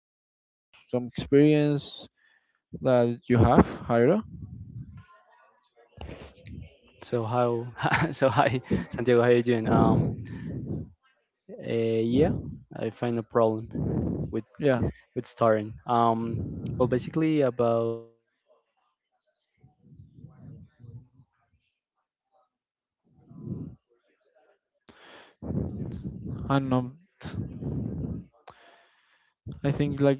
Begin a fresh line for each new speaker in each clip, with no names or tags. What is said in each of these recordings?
talk about some experience that you have, Jairo.
so how so hi Santiago, how you doing? Uh, yeah, I find a problem with
Yeah,
with starting. Well, basically about as for call center, I worked like 4 years ago, 5 years ago. I worked
and
here
um,
in Tele for 4 months. It was
I think like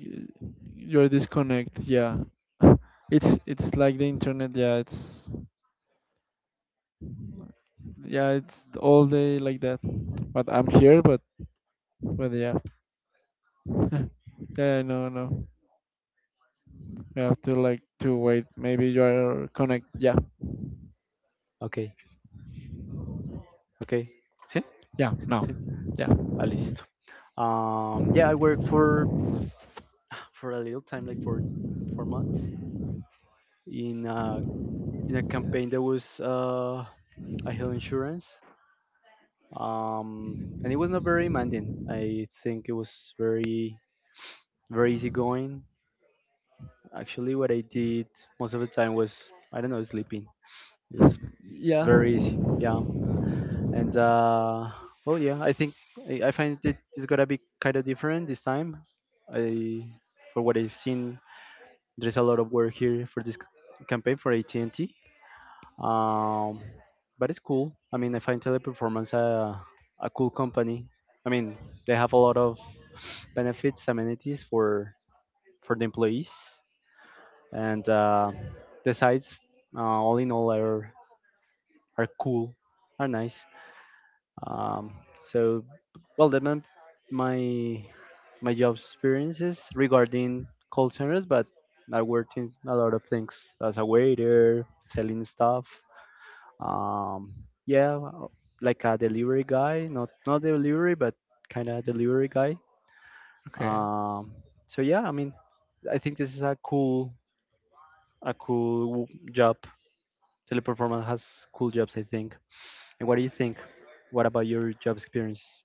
you're disconnect. Yeah,
no
it's
paila,
it's like the internet.
no paila.
Yeah, it's all day like that. But I'm here, but yeah. Yeah, no, no. You have to like to wait.
Intentando
Maybe
reconectar,
you're
sí, no
connect. Yeah,
paila. Okay, okay, sí,
yeah, now.
sí.
Yeah,
At least. Yeah, I worked for for a little time, like for 4 months, in a in a campaign that was a health insurance, and it was not very demanding. I think it was very very easy going. Actually, what I did most of the time was I don't know sleeping. It was
yeah.
very easy, yeah. And well, yeah, I think I find it it's gonna be kind of different this time. I for what I've seen there's a lot of work here for this campaign for AT&T. Um, but it's cool. I mean, I find Teleperformance a cool company. I mean, they have a lot of benefits, amenities for the employees, and the sites, all in all, are cool, are nice. Um, so, well, that meant my my job experiences regarding call centers, but I worked in a lot of things as a waiter, selling stuff. Um, yeah, well, like a delivery guy, not delivery, but kind of delivery guy.
Okay,
Um, so yeah, I mean, I think this is a cool, a cool job. Teleperformance has cool jobs, I think. And what do you think? What about your job experience?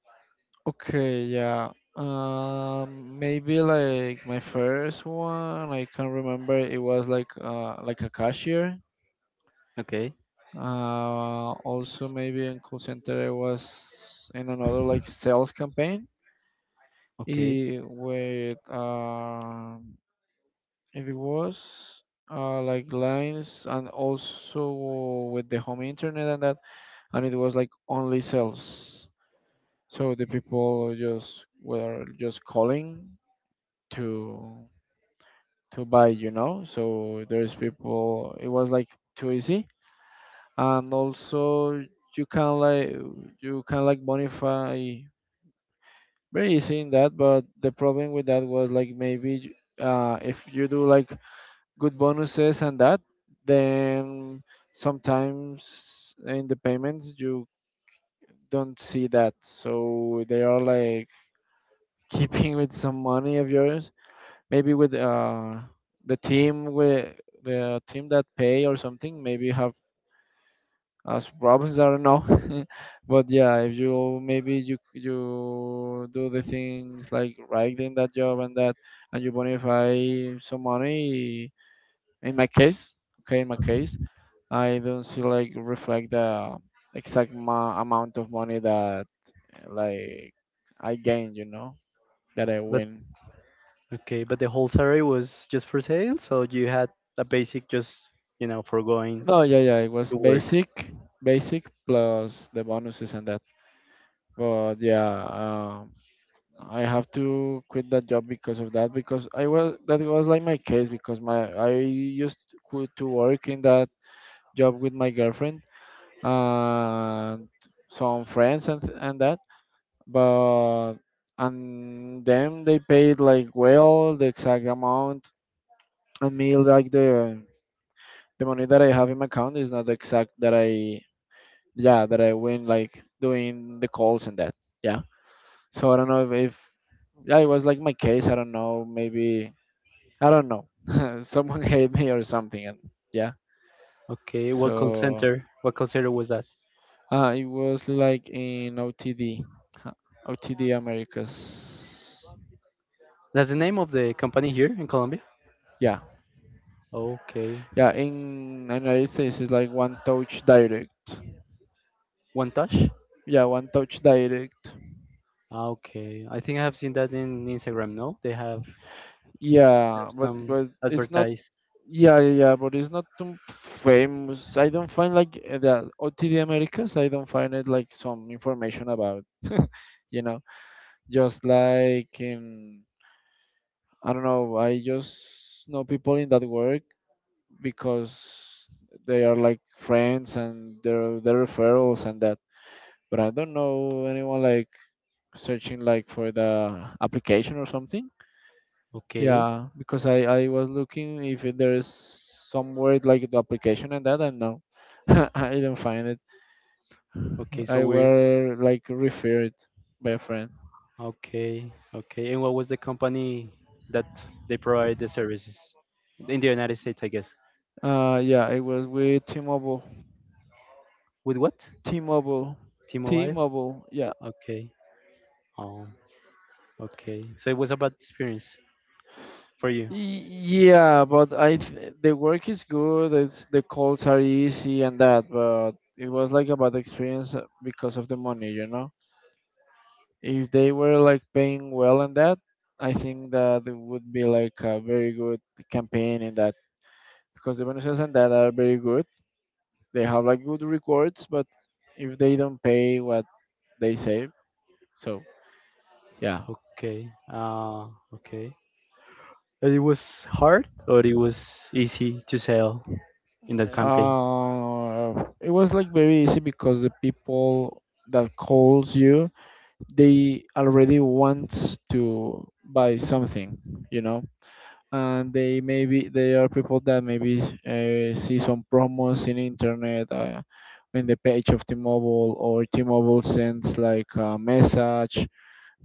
okay, yeah. Maybe like my first one, I can't remember. It was like a cashier.
Okay,
Also maybe in call center I was in another like sales campaign.
okay.
With It was like lines and also with the home internet and that, and it was like only sales. So the people just were just calling to to buy, you know. So there's people. It was like too easy, and also you can like you can like bonify very easy in that. But the problem with that was like maybe if you do like good bonuses and that then sometimes in the payments you don't see that, so they are like keeping with some money of yours maybe with the team with the team that pay or something maybe have us problems. I don't know. But yeah, if you maybe you do the things like right in that job and that and you bonify some money. In my case, okay, in my case I don't see like reflect the exact amount of money that like I gained, you know, that I
But
win.
okay, but the whole salary was just for sale, so you had a basic just you know for going
No, yeah, yeah, it was
to work.
basic, basic plus the bonuses and that. But yeah, I have to quit that job because of that, because I was that was like my case because my I used to work in that job with my girlfriend and some friends and that, but and then they paid like well the exact amount and me like the money that I have in my account is not the exact that I, yeah, that I win like doing the calls and that, yeah. So I don't know if, yeah it was like my case, I don't know, maybe I don't know, someone hate me or something, and yeah.
Okay, what call
So
center? What call center was that?
it was like in OTD, huh, OTD Americas,
That's the name
yeah.
of the company here in Colombia.
Yeah.
Okay,
Yeah, in the United States it's like one touch direct.
One Touch.
Yeah, one touch direct.
Ah, okay, I think I have seen that in Instagram. No, they
Yeah,
have some
but it's not.
advertise.
Yeah, yeah, yeah, but it's not too famous. I don't find like the OTD Americas. I don't find it like some information about. You know, just like in, I don't know. I just know people in that work because they are like friends and their referrals and that. But I don't know anyone like searching like for the application or something.
Okay,
Yeah, because I was looking if there is some word like the application and that, and no, I didn't find it.
okay, so
I
weird.
were like referred by a friend.
Okay, okay, and what was the company that they provide the services in the United States? I guess
Yeah, it was with T-Mobile.
with what?
T-Mobile.
T-Mobile.
T-Mobile. Yeah.
Okay. Oh, okay. So it was a bad experience for you.
Y- Yeah, but I the work is good. It's the calls are easy and that, but it was like a bad experience because of the money, you know. If they were like paying well on that, I think that it would be like a very good campaign in that because the Venezuelans and that are very good. They have like good records, but if they don't pay what they say, so yeah.
Okay. Okay. And it was hard or it was easy to sell in that campaign?
It was like very easy because the people that calls you, they already want to buy something, you know. And they maybe they are people that maybe see some promos in internet in the page of T-Mobile, or T-Mobile sends like a message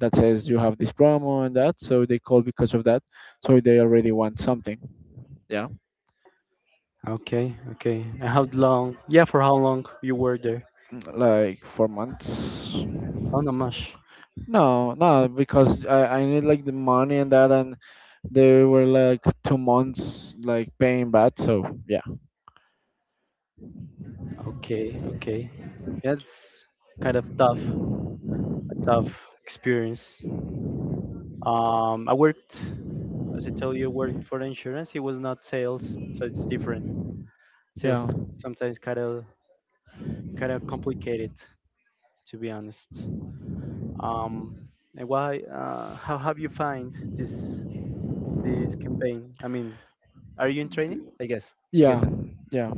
that says you have this promo and that, so they call because of that, so they already want something, yeah.
Okay, okay. And how long? Yeah, for how long you were there?
Mm, like 4 months.
Oh, not much.
No, no, because I need like the money and that, and they were like 2 months like paying back, so yeah.
Okay, okay. That's kind of tough, a tough experience. I worked, as I told you, I worked for insurance. It was not sales, so it's different. Sales
Yeah,
is sometimes kind of complicated, to be honest. Um, and why? How have you find this, this campaign? I mean, are you in training? I guess. I guess
yeah,
so.
yeah.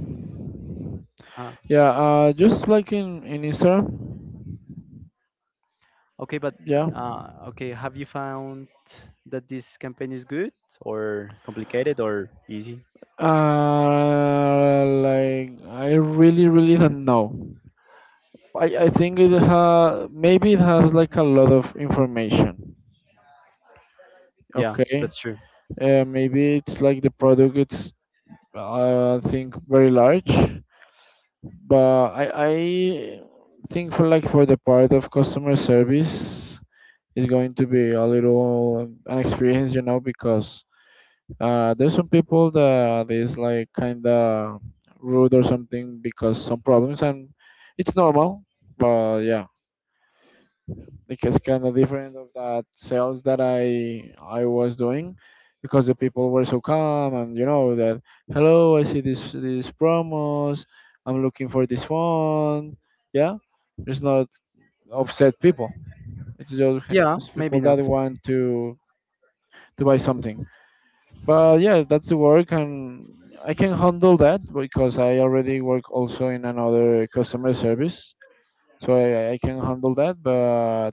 Uh,
Yeah, just like in Instagram.
okay, but
Yeah.
okay, have you found that this campaign is good or complicated or easy?
Like I really really don't know. I think it ha maybe it has like a lot of information.
Yeah,
Okay.
that's true.
Maybe it's like the product. It's I think very large, but I think for like for the part of customer service is going to be a little an experience, you know, because there's some people that is like kinda rude or something because some problems, and it's normal. But yeah, like it's kinda different of that sales that I was doing because the people were so calm and you know that hello, I see this these promos. I'm looking for this phone. Yeah, there's not upset people. It's just
Yeah,
it's
maybe
people that
not.
want to buy something. But yeah, that's the work, and I can handle that because I already work also in another customer service, so I can handle that,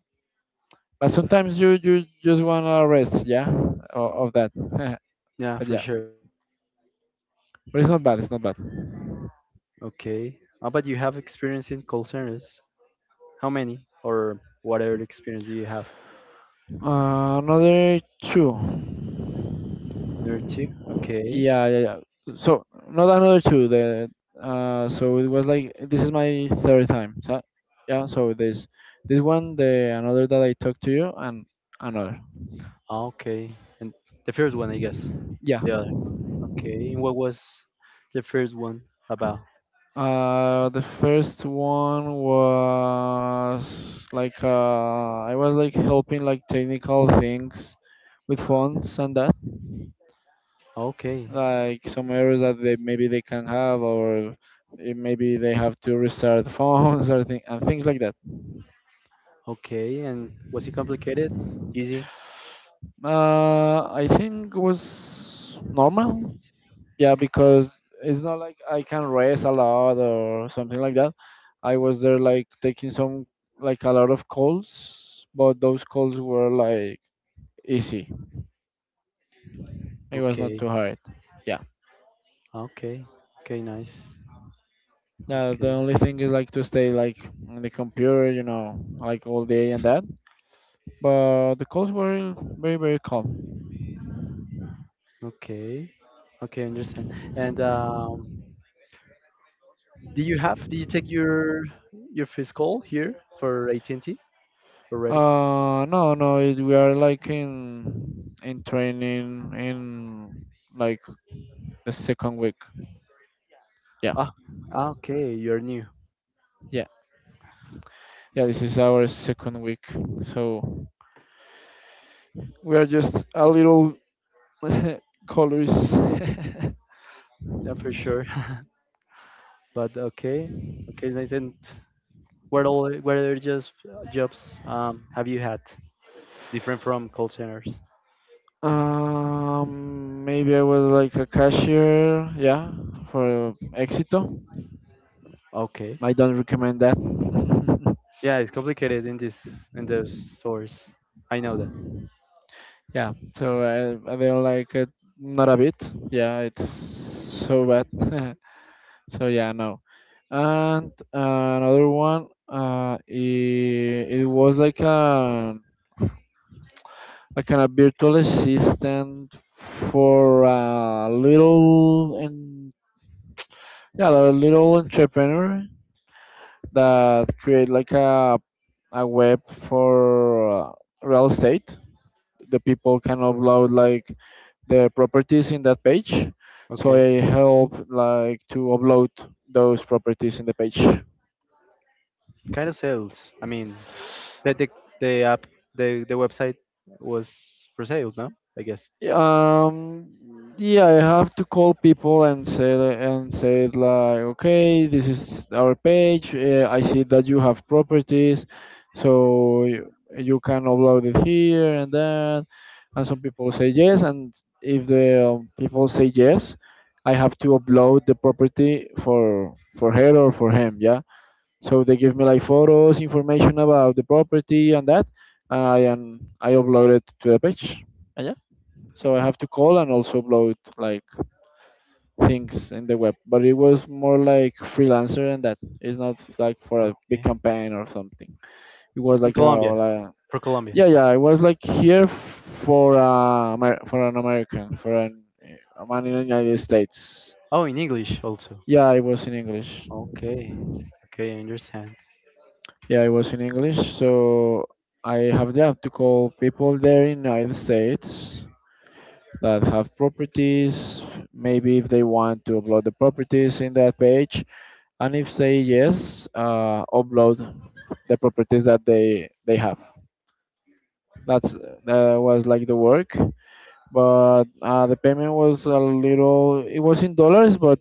but sometimes you just wanna rest, yeah, of that.
Yeah,
But
for
yeah,
sure.
but it's not bad, it's not bad.
Okay. How about you have experience in call centers? How many or what other experience do you have?
Another two.
Another two? Okay.
Yeah, yeah, yeah, so not another two. The so it was like this is my third time, so yeah, so this one, the another that I talked to you, and another.
Ah, okay. And the first one, I guess.
Yeah.
Yeah. Okay, and what was the first one about?
The first one was like I was like helping like technical things with fonts and that,
Okay,
like some errors that they maybe they can have, or it, maybe they have to restart the phones or thing, and things like that.
okay, and was it complicated? Easy?
I think was normal. Yeah, because it's not like I can rest a lot or something like that. I was there like taking some like a lot of calls, but those calls were like easy. It was not
Okay,
too hard, yeah.
okay, okay, nice.
The
Okay,
only thing is like to stay like on the computer, you know, like all day and that, but the calls were very very calm.
okay, okay, understand. And Do you have? Did you take your physical here for AT&T already?
No, no, it, we are like in training, in like the second week, yeah.
Ah, ah, okay, you're new.
Yeah, yeah, this is our second week, so we are just a little colors.
Yeah, for sure. But okay, okay, nice. And what all? What other just jobs have you had different from call centers?
Maybe I was like a cashier, yeah, for Exito.
Okay.
I don't recommend that.
Yeah, it's complicated in this, in those stores. I know that.
Yeah, so I don't like it, not a bit. Yeah, it's so bad. So yeah, no. And another one, it, it was like a virtual assistant for a little, and yeah, a little entrepreneur that create like a web for real estate. The people can upload like their properties in that page. So
Okay.
I help like to upload those properties in the page.
Kind of sales. I mean, the the, the app, the website was for sales, no? I guess.
Yeah, I have to call people and say li- and say it like, okay, this is our page. I see that you have properties, so you can upload it here and then. And some people say yes, and if the people say yes, I have to upload the property for her or for him. Yeah. So they give me like photos, information about the property and that. I and I upload it to the page, so I have to call and also upload like things in the web. But it was more like freelancer and that. It's not like for a big
Okay.
campaign or something. It was
In
like a
Colombia,
like-
for Colombia.
yeah, yeah. It was like here for for an American, for an a man in the United States.
Oh, in English also.
Yeah, it was in English.
Okay. Okay, I understand.
Yeah, it was in English. So I have yeah, to call people there in United States that have properties. Maybe if they want to upload the properties in that page, and if say yes, upload the properties that they have. That's that was like the work, but the payment was a little. It was in dollars, but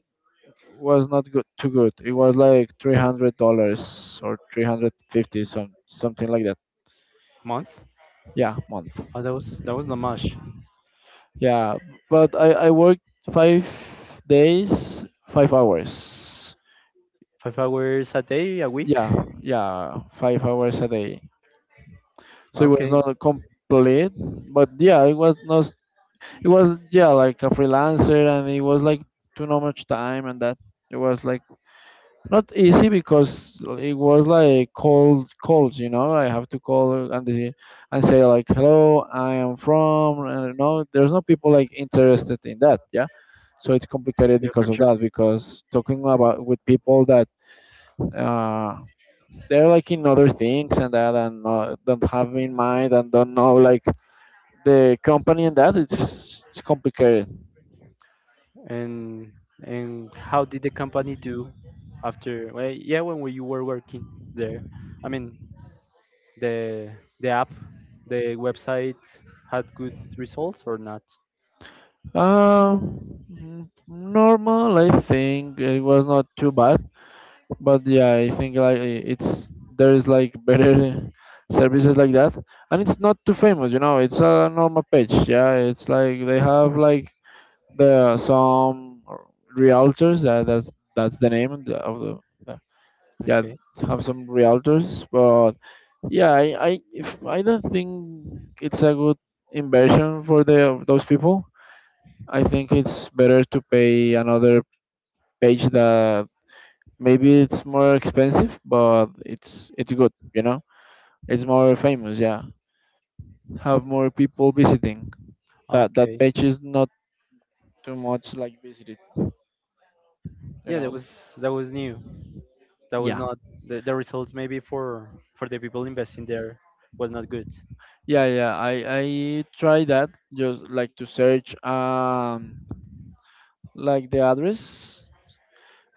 was not good too good. It was like $300 or 350, some something like that.
Month?
Yeah, month.
Oh, that was not much.
Yeah, but I worked 5 days, 5 hours.
5 hours a day, a week.
Yeah, yeah, 5 hours a day, so it was
Okay.
not complete. But yeah, it was not, it was, yeah, like a freelancer, and it was like too not much time and that. It was like not easy because it was like cold calls. I have to call, and and say like, hello, I am from, and no, there's no people like interested in that, yeah. So it's complicated
Yeah, for
because of
sure.
that, because talking about with people that uh, they're like in other things and that, and don't have in mind and don't know like the company and that. It's complicated.
And and how did the company do after? Well, yeah, when we, you were working there. I mean, the the app, the website had good results or not?
Normal, I think it was not too bad. But yeah, I think like, it's, there is like better services like that, and it's not too famous. It's a normal page. Yeah, it's like they have like the some realtors. Yeah, that's the name of the of yeah. Yeah,
Okay.
have some realtors but yeah, I. I, if, I don't think it's a good inversion for the those people. I think it's better to pay another page that maybe it's more expensive, but it's good. It's more famous. Yeah, have more people visiting. That
Okay.
page is not too much like visited. You
Yeah,
know.
that was new. That was
Yeah,
not the, the results maybe for the people investing there was not good.
yeah, yeah. I try that just like to search like the address,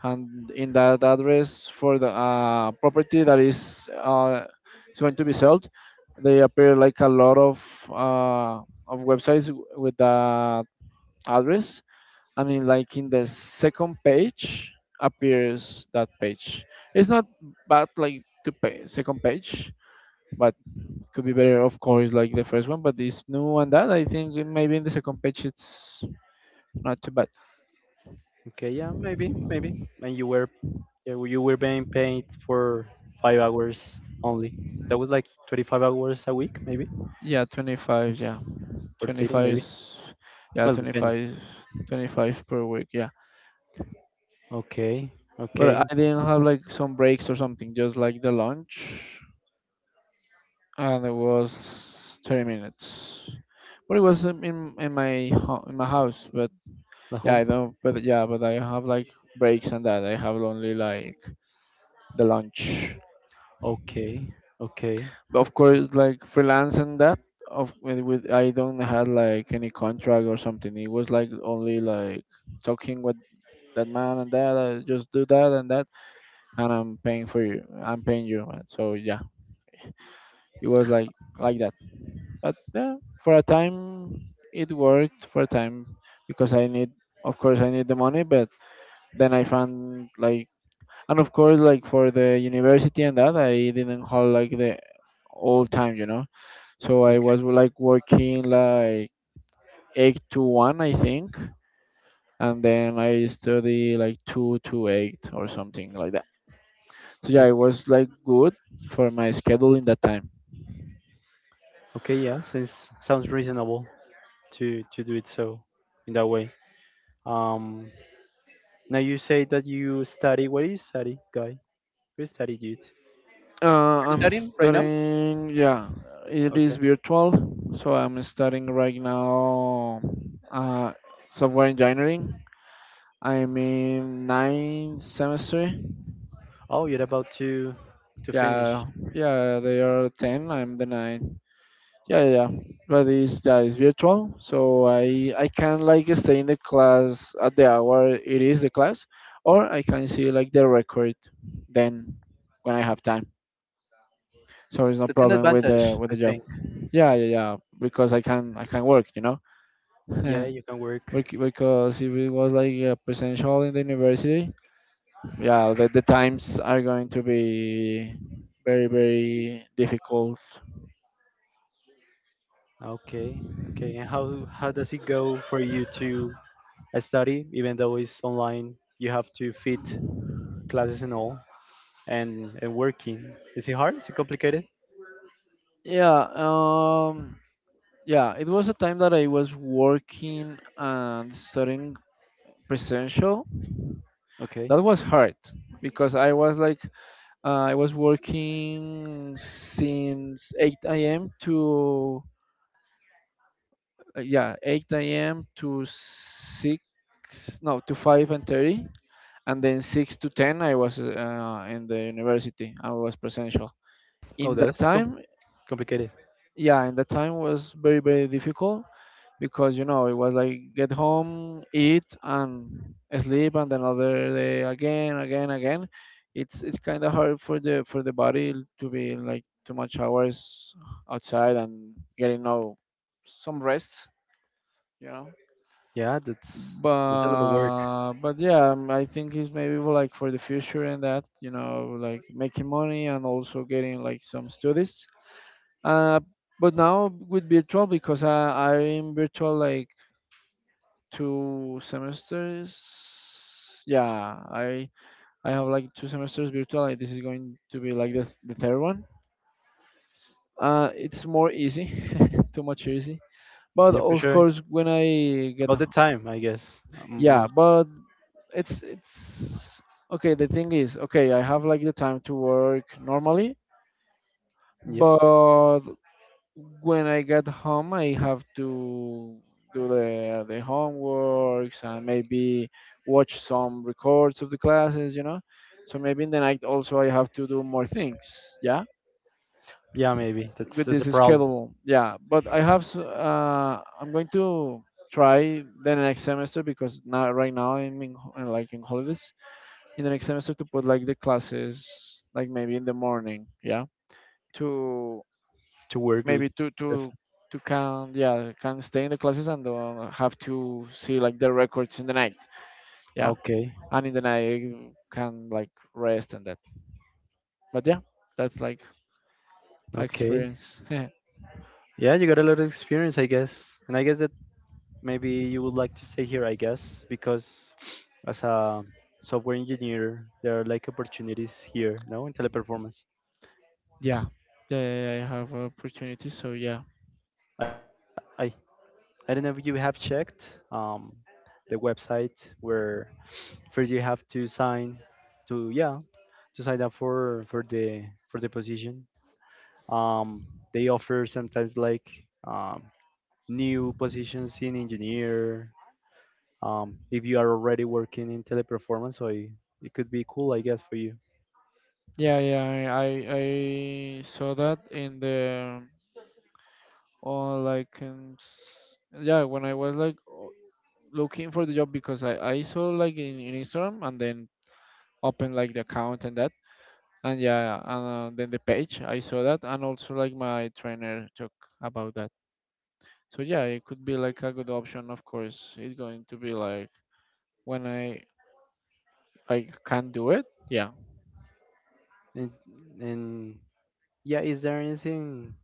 and in that address for the property that is going to be sold, they appear like a lot uh, of websites with that address, and in like in the second page appears that page. It's not bad like the second page, but could be better, of course, like the first one. But this new one that I think, maybe in the second page it's not too bad.
Okay, yeah, maybe, maybe. And you were yeah, well, you were being paid for 5 hours only. That was like 25 hours a week, maybe,
Yeah, 25. Yeah.
or
Twenty
30,
five,
maybe.
yeah,
Well,
twenty
depends.
five, 25 per week, yeah.
Okay,
But
okay,
I didn't have like some breaks or something, just like the lunch, and it was 30 minutes. But it was in my in my house but
the
yeah,
home.
I know. But yeah, but I have like breaks and that. I have only like the lunch.
Okay, okay,
But of course like freelance and that, of with I don't have like any contract or something. It was like only like talking with that man and that, just do that and that, and I'm paying for you, I'm paying you, man. So yeah, it was like that. But yeah, for a time it worked for a time, because I need, of course I need the money. But then I found like, and of course like for the university and that, I didn't have like the all time, so I
okay,
was like working like 8 to 1, I think, and then I study like 2 to 8 or something like that. So yeah,
o-
it was like good for my schedule in that time.
okay. Yeah, since sounds reasonable to do it so in that way. Um, Now you say that you study. What do you study, guy? Who studied it? Are you
I'm
studying right now?
studying. Yeah, it is
Okay.
virtual, so I'm studying right now uh, software engineering. I'm in ninth semester.
Oh, you're about to finish.
Yeah, yeah, they are 10. I'm the ninth. Yeah, yeah, yeah. But it's yeah, it's virtual, so I can like stay in the class at the hour it is the class, or I can see like the record then when I have time. So it's no
That's an
problem with the
advantage,
with
I
the job.
think.
Yeah, yeah, yeah. Because I can work.
Yeah, you can work.
Because if it was like presential in the university, yeah, the times are going to be very very difficult.
Okay, okay. And how does it go for you to study, even though it's online? You have to fit classes and all, and working. Is it hard? Is it complicated?
Yeah, yeah. It was a time that I was working and studying presential.
Okay.
That was hard because I was like, I was working since 8 a.m. to yeah, 8 a.m to 6, no, to 5 and 30, and then 6 to 10 I was in the university, I was presential
Oh,
in that
that's
time.
complicated.
Yeah, in that time was very very difficult, because it was like get home, eat and sleep, and another day, again, again, again. It's kind of hard for the body to be like too much hours outside and getting no some rest you know
Yeah, that's a lot of work.
but yeah, I think it's maybe, well, like for the future and that, like making money and also getting like some studies. uh but now with virtual, because I'm virtual like two semesters. Yeah, I have like two semesters virtual, and this is going to be like the, the third one. It's more easy, too much easy. But
Yeah, for
of
sure.
course when I get,
About the time, I guess.
yeah,
Most.
but it's okay. The thing is okay, I have like the time to work normally.
Yep.
But when I get home, I have to do the homeworks and maybe watch some records of the classes, so maybe in the night also I have to do more things, yeah,
Yeah, maybe
with
that's
this
a problem
schedule. Yeah, but I have, I'm going to try the next semester, because now right now I'm in, like in holidays. In the next semester, to put like the classes like maybe in the morning, yeah, to
to work.
maybe to
With.
to to can, yeah, can stay in the classes and don't have to see like the records in the night, yeah.
Okay.
And in the night you can like rest and that. But yeah, that's like my
Okay.
experience. Yeah.
Yeah, you got a lot of experience, I guess, and I guess that maybe you would like to stay here, I guess, because as a software engineer, there are like opportunities here, no, in teleperformance.
Yeah, yeah, yeah, I have opportunities, so yeah.
I, I I don't know if you have checked um, the website where first you have to sign to yeah to sign up for the position. Um, they offer sometimes like um, new positions in engineer. If you are already working in teleperformance, so it could be cool, I guess, for you.
Yeah, yeah, I I saw that in the, or like in, yeah, when I was like looking for the job, because I saw like in, Instagram, and then open like the account and that, and yeah, and then the page I saw that. And also like my trainer talk about that. So yeah, it could be like a good option. Of course it's going to be like when I can do it, yeah.
And, and yeah, is there anything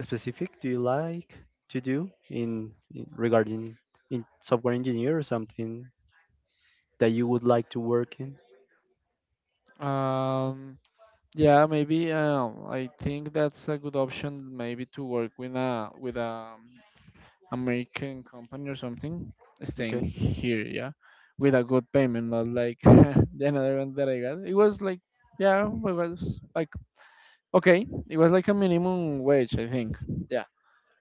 specific do you like to do in regarding in software engineer or something that you would like to work in?
um yeah, maybe, I think that's a good option, maybe to work with a American company or something, staying
Okay.
here, yeah, with a good payment, not like the another one that I got. It was like, yeah, it was like, okay, it was like a minimum wage, I think. Yeah,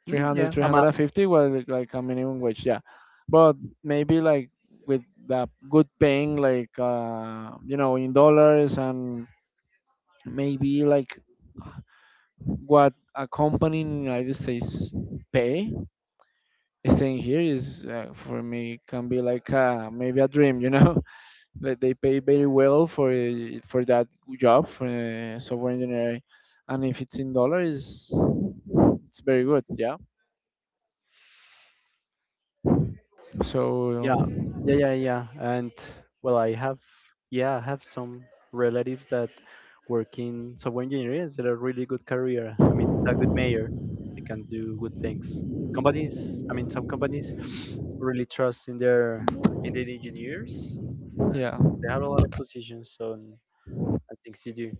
three
Mm,
hundred,
yeah,
three
I'm
hundred
out.
and fifty was like a minimum wage, yeah. But maybe like with the good paying, like in dollars, and maybe like what a company in the United States pay, staying here is for me can be like, maybe a dream. Like they pay very well for that job for software engineering, and if it's in dollars, it's very good. Yeah. So
Yeah, yeah, yeah, yeah. And well, I have, yeah, I have some relatives that work in software engineering. It's a really good career. I mean, it's a good mayor. They can do good things. Companies, I mean, some companies really trust in their engineers, and
yeah,
they have a lot of positions on and things to do.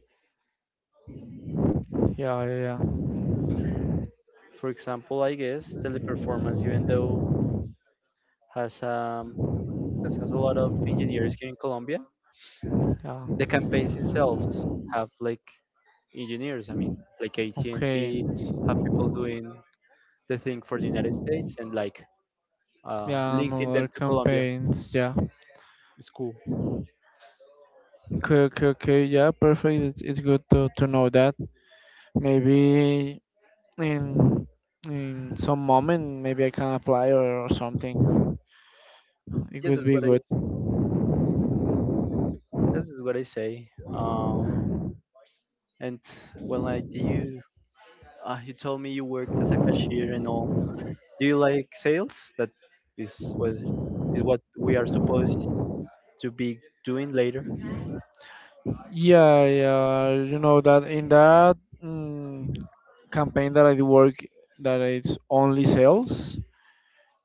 yeah, yeah, yeah,
For example, I guess teleperformance, even though has because has a lot of engineers here in Colombia. The
yeah.
campaigns themselves have like engineers. I mean, like
Okay.
AT&T have people doing the thing for the United States and like
Yeah, and
linking them
other
to Colombia.
campaigns. Yeah.
It's cool.
Okay, okay, okay. Yeah, perfect. It's good to know that. Maybe in in some moment, maybe I can apply, or something. It
Yes,
could
that's
be
what I.
good.
This is what I say. And when like do you, you told me you worked as a cashier and all. Do you like sales? That is what is what we are supposed to be doing later.
Yeah, yeah. You know that in that, mm, campaign that I do work, that it's only sales.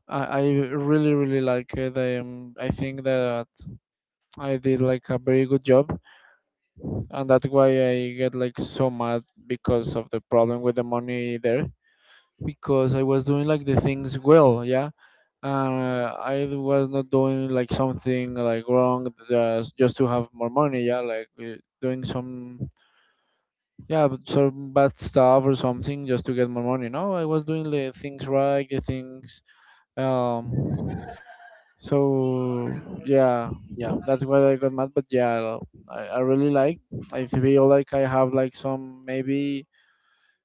I really really like it. I am. I think that I did like a very good job, and that's why I get like so mad because of the problem with the money there. Because I was doing like the things well, yeah. And I was not doing like something like wrong, just to have more money, yeah. Like doing some. Yeah, but some bad stuff or something just to get more money. No, I was doing the things right, the things. Um, so yeah,
Yeah.
that's why I got mad. But yeah, I really like. I feel like I have like some, maybe.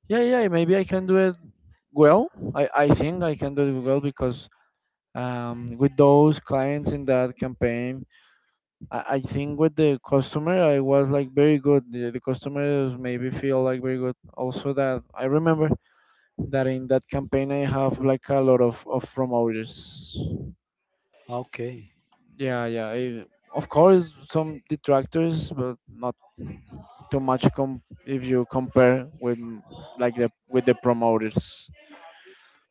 Yeah, yeah, maybe I can do it well. I think I can do it well, because with those clients in that campaign, I think with the customer I was like very good. The customers maybe feel like very good. Also that I remember. That in that campaign I have like a lot of promoters.
Okay.
Yeah, yeah. I, of course, some detractors, but not too much, if you compare with, like the with the promoters.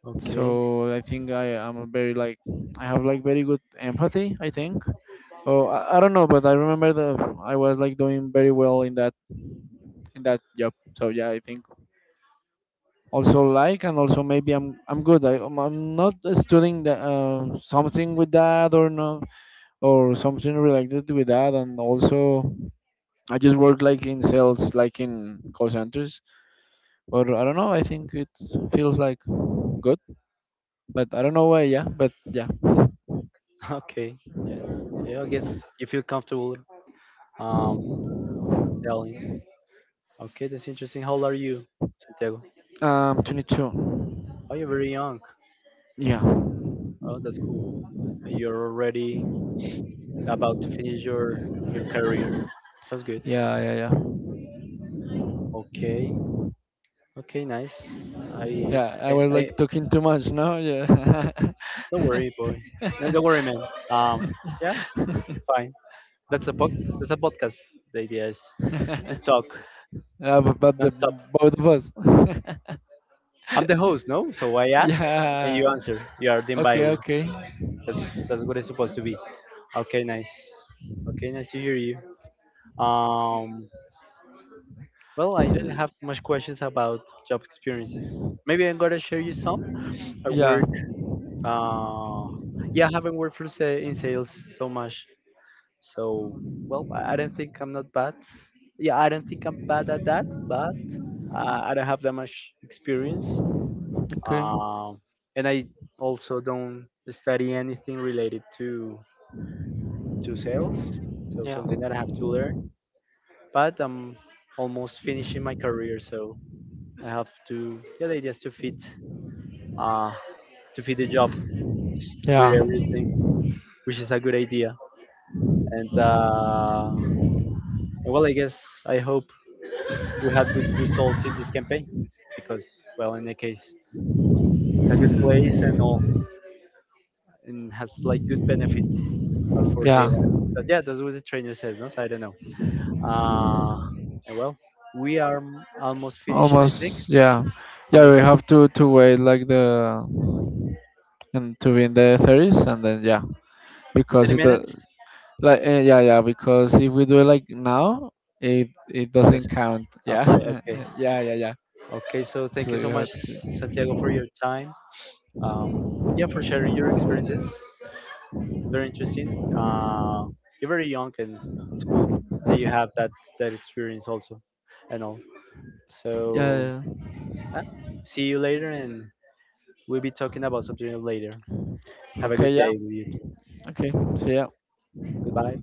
Okay.
So I think I am a very like, I have like very good empathy, I think. Oh, I don't know, but I remember that I was like doing very well in that job. So yeah, I think also like, and also maybe I'm good. I'm i'm not studying the, something with that or no, or something related with that. And also I just work like in sales like in call centers, or I don't know, I think it feels like good, but I don't know why, yeah, but yeah.
Okay. Yeah. Yeah. I guess you feel comfortable um selling. Okay, that's interesting. How old are you, Santiago?
22.
Oh, you're very young.
Yeah,
Oh, that's cool. And you're already about to finish your career. Sounds good.
yeah, yeah, yeah,
Okay. Okay. Nice. I.
yeah. I
I.
was
I-
like talking too much, no? Yeah.
Don't worry, boy. No, don't worry, man. Um. Yeah. It's fine. That's a book. That's a podcast. The idea is to talk
Yeah, but the
nonstop.
both of us.
I'm the host, no? So I ask and you
Yeah.
answer. You are the by.
Okay, okay.
That's what it's supposed to be. Okay, nice. Okay, nice to hear you. Um, well, I didn't have
S-
much questions about job experiences. Maybe I'm gonna share you some. I
Yeah.
work. Uh, yeah, I haven't worked for in sales so much. So, well, I don't think I'm not bad. Yeah, I don't think I'm bad at that, but I don't have that much experience.
Okay.
Um, and I also don't study anything related to sales, so
Yeah.
something that I have to learn. But I'm almost finishing my career, so I have to yeah, the uh to fit the job with
Yeah.
everything, which is a good idea. And well, I guess I hope we have good results in this campaign because well, in the case, it's a good place and all, and has like good benefits as for the.
Yeah.
But yeah, that's what the trainer says, no? So I don't know. Uh, and well, we are almost finishing, I think.
Almost. Yeah. Yeah,
Almost
we
done.
have to wait like the, and to be in the 30s, and then yeah, because
30
it,
minutes?
like eh, yeah, yeah, because if we do it like now, it
Just
doesn't count.
apply.
Yeah.
Okay.
Yeah, yeah, yeah.
Okay. So thank
So
you
you
so
have
much,
to,
Santiago, for your time. Um, yeah, for sharing your experiences. It's very interesting. You're very young, and it's cool that you have that that experience also, and all.
yeah,
So
yeah, yeah.
uh, see you later, and we'll be talking about something later. Have a good
Okay, yeah.
day with you.
Okay. See ya.
Goodbye.